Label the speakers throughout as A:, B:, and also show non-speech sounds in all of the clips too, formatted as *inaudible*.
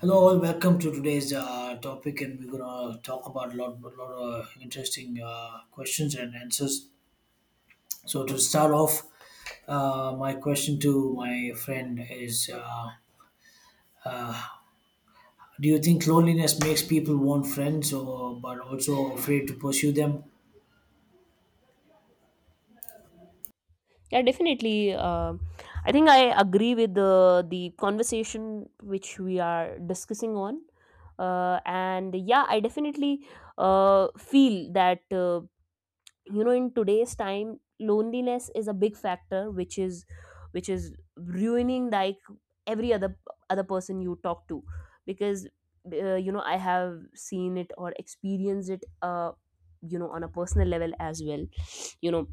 A: Hello, all. Welcome to today's topic, and we're gonna talk about a lot of interesting questions and answers. So, to start off, my question to my friend is: Do you think loneliness makes people want friends, or but also afraid to pursue them?
B: Yeah, definitely. I think I agree with the conversation which we are discussing on, and yeah, I definitely feel that you know in today's time, loneliness is a big factor, which is ruining like every other person you talk to, because you know I have seen it or experienced it, you know, on a personal level as well, *sniffs* you know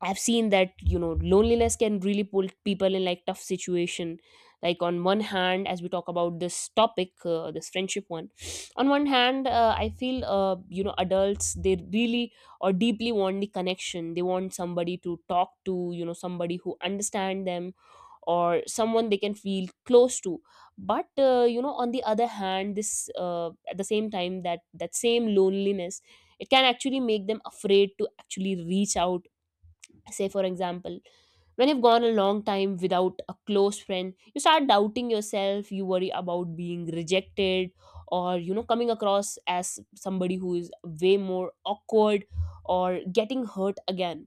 B: I've seen that you know loneliness can really pull people in like tough situation. Like on one hand, as we talk about this topic, this friendship one, *sniffs* on one hand, I feel you know adults they really or deeply want the connection. They want somebody to talk to, you know, somebody who understand them, or someone they can feel close to. But you know, on the other hand, this at the same time that that same loneliness, it can actually make them afraid to actually reach out. Say for example, when you've gone a long time without a close friend, you start doubting yourself, you worry about being rejected, or you know, coming across as somebody who is way more awkward or getting hurt again.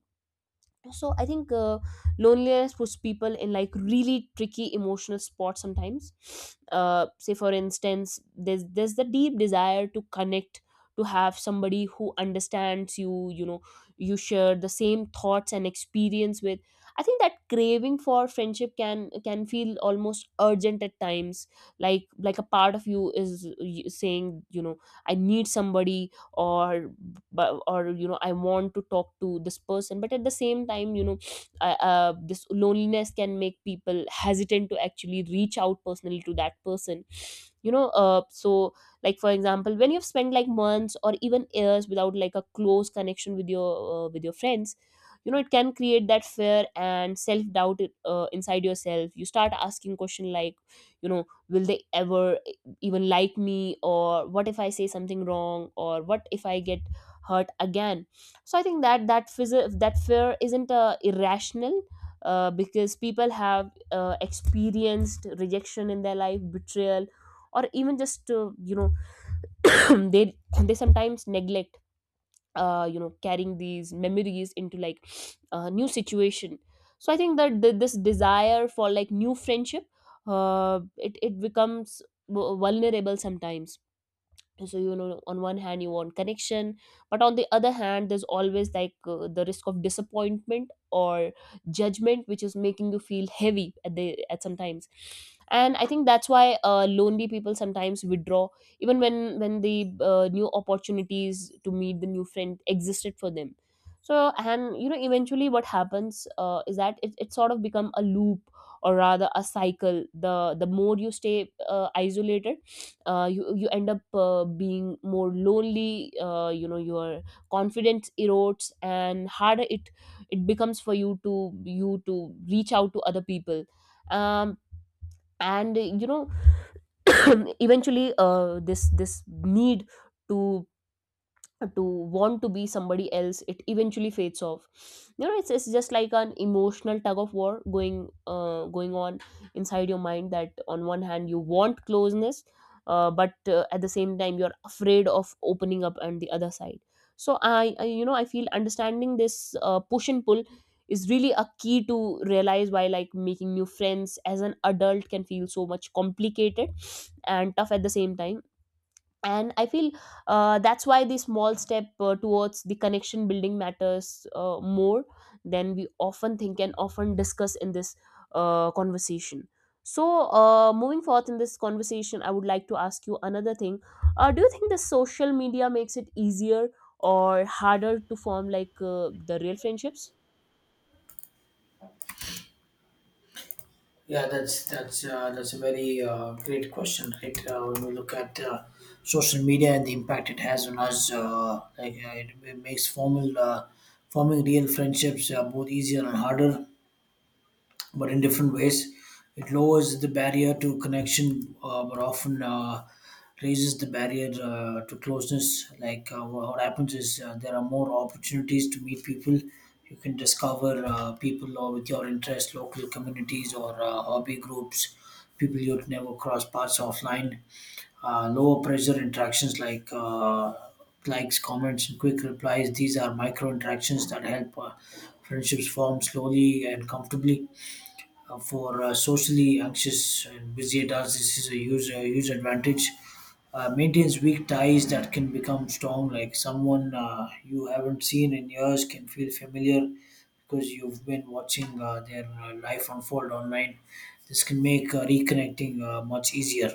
B: So I think loneliness puts people in like really tricky emotional spots sometimes. Say for instance, there's the deep desire to connect, to have somebody who understands you, you know, you share the same thoughts and experience with. I think that craving for friendship can feel almost urgent at times, like a part of you is saying, you know, I need somebody, or, but or you know, I want to talk to this person. But at the same time, you know, *sniffs* this loneliness can make people hesitant to actually reach out personally to that person. *sniffs* You know, so like for example, when you've spent like months or even years without like a close connection with your friends, you know it can create that fear and self doubt inside yourself. You start asking question like, you know, will they ever even like me, or what if I say something wrong, or what if I get hurt again? So I think that that fear isn't irrational, because people have experienced rejection in their life, betrayal, or even just, you know, *clears throat* they they sometimes neglect, you know, carrying these memories into like a new situation. So I think that this desire for like new friendship, it becomes vulnerable sometimes. So you know, on one hand you want connection, but on the other hand there's always like the risk of disappointment or judgment, which is making you feel heavy at the at sometimes. And I think that's why lonely people sometimes withdraw, even when the new opportunities to meet the new friend existed for them. So, and you know, eventually what happens is that it sort of become a loop, or rather a cycle. The more you stay isolated, you end up being more lonely. You know, your confidence erodes and harder it becomes for you to reach out to other people. um, and you know, *coughs* *clears throat* eventually this need to want to be somebody else, it eventually fades off. You know, it's just like an emotional tug of war going going on inside your mind, that on one hand you want closeness, but at the same time you're afraid of opening up on the other side. So I you know, I feel understanding this push and pull is really a key to realize why like making new friends as an adult can feel so much complicated and tough at the same time. And I feel that's why the small step towards the connection building matters more than we often think and often discuss in this conversation. So moving forth in this conversation, I would like to ask you another thing. Do you think the social media makes it easier or harder to form like the real friendships?
A: Yeah, that's a very great question, right? When we look at social media and the impact it has on us, it makes formal forming real friendships both easier and harder but in different ways. It lowers the barrier to connection, but often raises the barrier to closeness. Like what happens is there are more opportunities to meet people. You can discover people or with your interest, local communities or hobby groups, people you'd never cross paths offline. Lower pressure interactions like likes, comments, and quick replies. These are micro interactions that help friendships form slowly and comfortably for socially anxious and busy adults. This is a huge advantage. Maintains weak ties that can become strong, like someone you haven't seen in years can feel familiar because you've been watching their life unfold online. This can make reconnecting much easier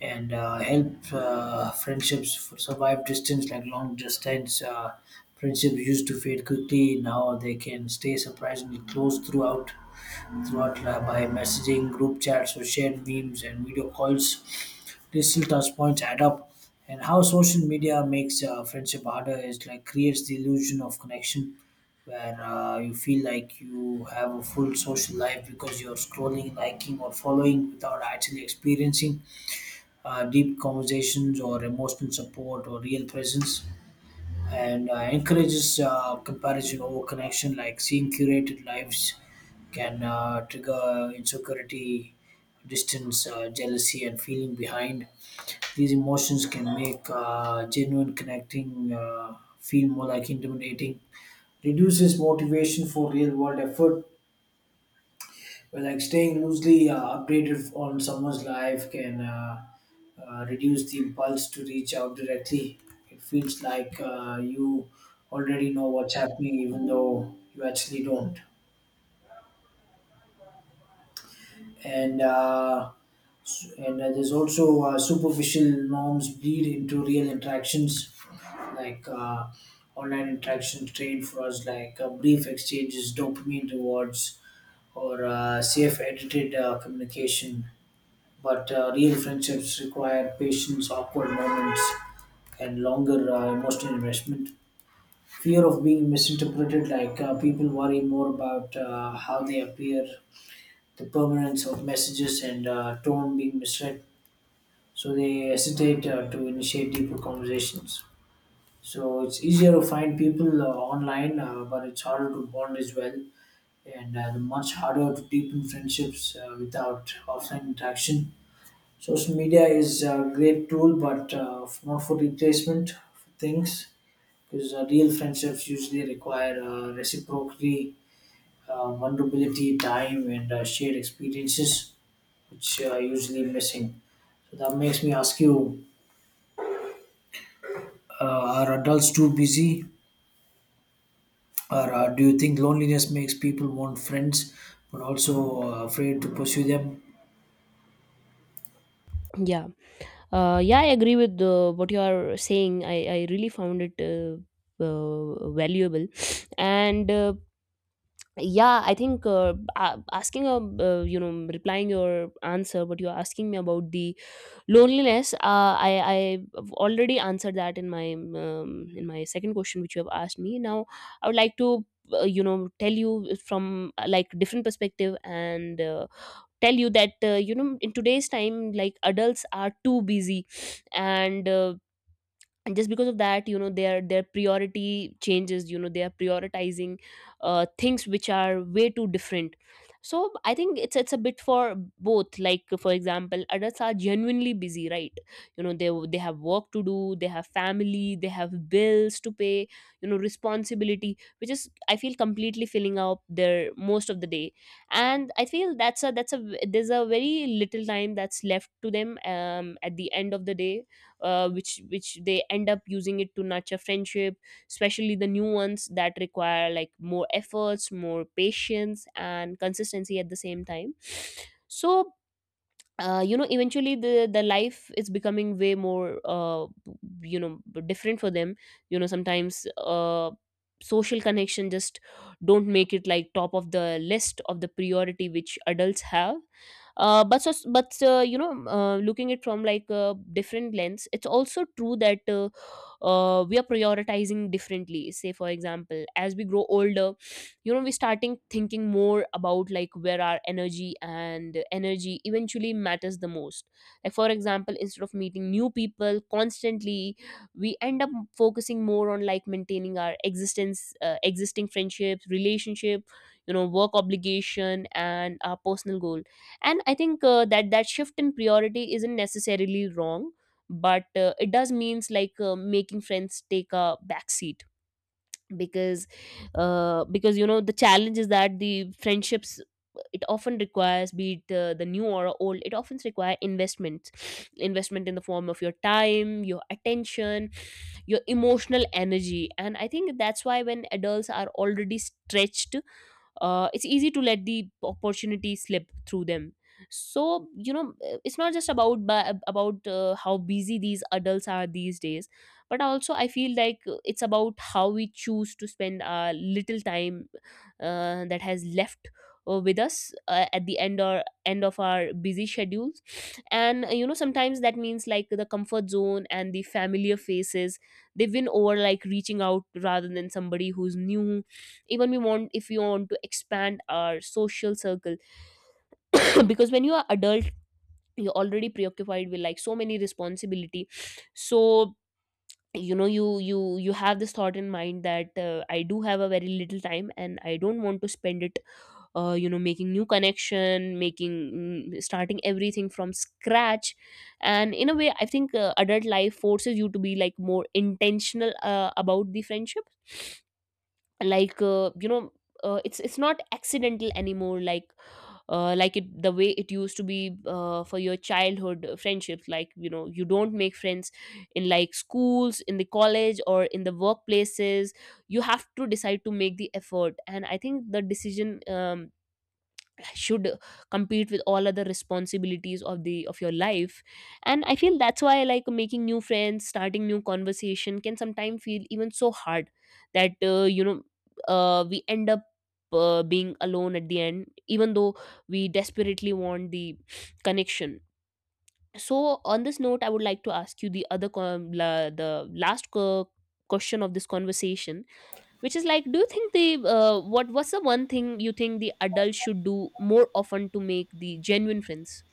A: and help friendships survive distance like long distance friendships used to fade quickly now they can stay surprisingly close throughout by messaging group chats or shared memes and video calls, digital touch points add up. And how social media makes friendship harder is like creates the illusion of connection where you feel like you have a full social life because you're scrolling liking or following without actually experiencing deep conversations or emotional support or real presence, and encourages comparison over connection like seeing curated lives can trigger insecurity, distance, jealousy and feeling behind. These emotions can make genuine connecting feel more like intimidating, reduces motivation for real world effort. Well, like staying loosely updated on someone's life can reduce the impulse to reach out directly. It feels like you already know what's happening, even though you actually don't. And there's also superficial norms bleed into real interactions, like online interactions trained for us, like brief exchanges, dopamine rewards, or safe edited communication. But real friendships require patience, awkward moments, and longer emotional investment. Fear of being misinterpreted, like people worry more about how they appear, the permanence of messages, and tone being misread. So they hesitate to initiate deeper conversations. So it's easier to find people online, but it's harder to bond as well, and much harder to deepen friendships without offline interaction. Social media is a great tool, but not for replacement for things. Because real friendships usually require reciprocity, vulnerability, time, and shared experiences, which are usually missing. So that makes me ask you: uh, Are adults too busy, or do you think loneliness makes people want friends, but also afraid to pursue them?
B: Yeah. Yeah, I agree with what you are saying. I really found it valuable. *sniffs* And yeah, I think asking a you know, replying your answer, but you're asking me about the loneliness, I've already answered that in my second question which you have asked me now. I would like to you know, tell you from like different perspective, and tell you that you know, in today's time, like adults are too busy. And uh, and just because of that, you know, their priority changes. You know, they are prioritizing things which are way too different. So I think it's a bit for both. Like for example, adults are genuinely busy, right? You know, they have work to do, they have family, they have bills to pay, you know, responsibility, which is I feel completely filling up their most of the day. And I feel that's a there's a very little time that's left to them, at the end of the day, which they end up using it to nurture friendship, especially the new ones that require like more efforts, more patience and consistency at the same time. So you know, eventually the life is becoming way more you know, different for them. You know, sometimes social connection just don't make it like top of the list of the priority which adults have. But you know, looking it from like a different lens, it's also true that, we are prioritizing differently. Say for example, as we grow older, you know, we starting thinking more about like where our energy, and energy eventually matters the most. Like for example, instead of meeting new people constantly, we end up focusing more on like maintaining our existence existing friendships, relationship, you know, work obligation and our personal goal. And I think that that shift in priority isn't necessarily wrong, but it does means like making friends take a back seat. Because uh, because you know, the challenge is that the friendships, it often requires, be it the new or old, it often require investment. *sniffs* Investment in the form of your time, your attention, your emotional energy. And I think that's why when adults are already stretched, it's easy to let the opportunity slip through them. So you know, it's not just about how busy these adults are these days, but also I feel like it's about how we choose to spend our little time that has left with us at the end or end of our busy schedules. And you know, sometimes that means like the comfort zone and the familiar faces, they win over like reaching out rather than somebody who's new, even we want, if we want to expand our social circle. *coughs* *clears throat* Because when you are adult, you're already preoccupied with like so many responsibility. So you know, you have this thought in mind that I do have a very little time and I don't want to spend it you know, making new connection, making, starting everything from scratch. And in a way I think adult life forces you to be like more intentional about the friendship. Like you know, it's not accidental anymore, like like it the way it used to be for your childhood friendships. Like you know, you don't make friends in like schools, in the college, or in the workplaces. You have to decide to make the effort, and I think the decision should compete with all other responsibilities of the of your life. And I feel that's why like making new friends, starting new conversation, can sometimes feel even so hard that you know, we end up being alone at the end, even though we desperately want the connection. So on this note, I would like to ask you the other the last question of this conversation, which is like, do you think the what what's the one thing you think the adult should do more often to make the genuine friends?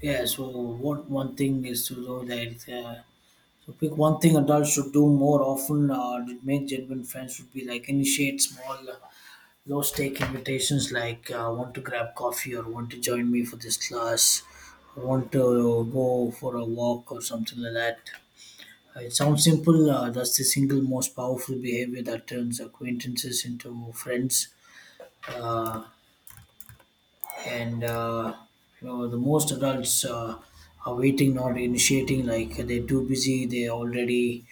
A: Yeah. So what one thing is to know that. So pick one thing adults should do more often to make genuine friends would be like initiate small, low stake invitations like want to grab coffee or want to join me for this class or want to go for a walk or something like that. It sounds simple. That's the single most powerful behavior that turns acquaintances into friends. Uh, and the most adults are waiting not initiating, like they're too busy, they already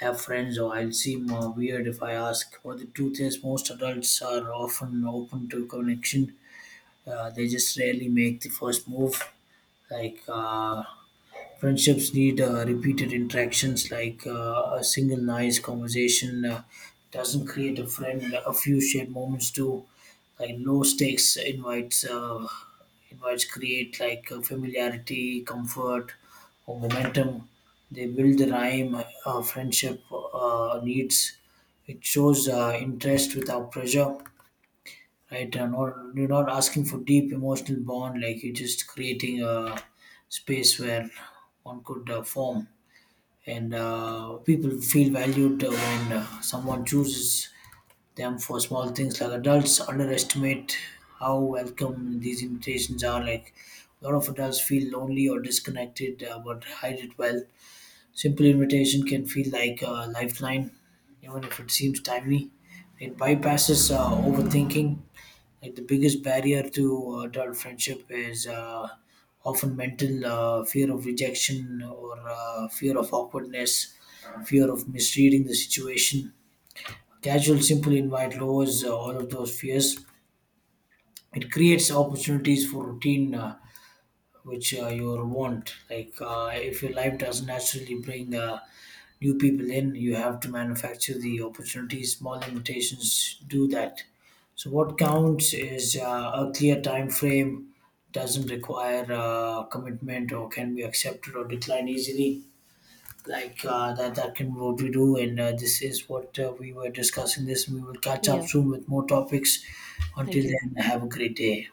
A: have friends or I'll seem weird if I ask, but the truth is most adults are often open to connection, they just rarely make the first move. Like uh, Friendships need repeated interactions, like a single nice conversation doesn't create a friend. A few shared moments do, like low stakes invites. Invites create like familiarity, comfort, or momentum. They build the rhyme friendship needs. It shows interest without pressure. Right, you're not asking for deep emotional bond, like you're just creating a space where one could form, and people feel valued when someone chooses them for small things. Like adults underestimate how welcome these invitations are. Like a lot of adults feel lonely or disconnected, but hide it well. Simple invitation can feel like a lifeline, even if it seems timely. It bypasses overthinking. Like the biggest barrier to adult friendship is often mental fear of rejection or fear of awkwardness, fear of misreading the situation. Casual, simple invite lowers all of those fears. It creates opportunities for routine, which you want. Like if your life doesn't naturally bring new people in, you have to manufacture the opportunities. Small invitations do that. So what counts is a clear time frame, doesn't require commitment or can be accepted or declined easily. Like that can be what we do, and this is what we were discussing. This we will catch up
B: Yeah.
A: soon with more topics. Until
B: Thank you.
A: then, have a great day.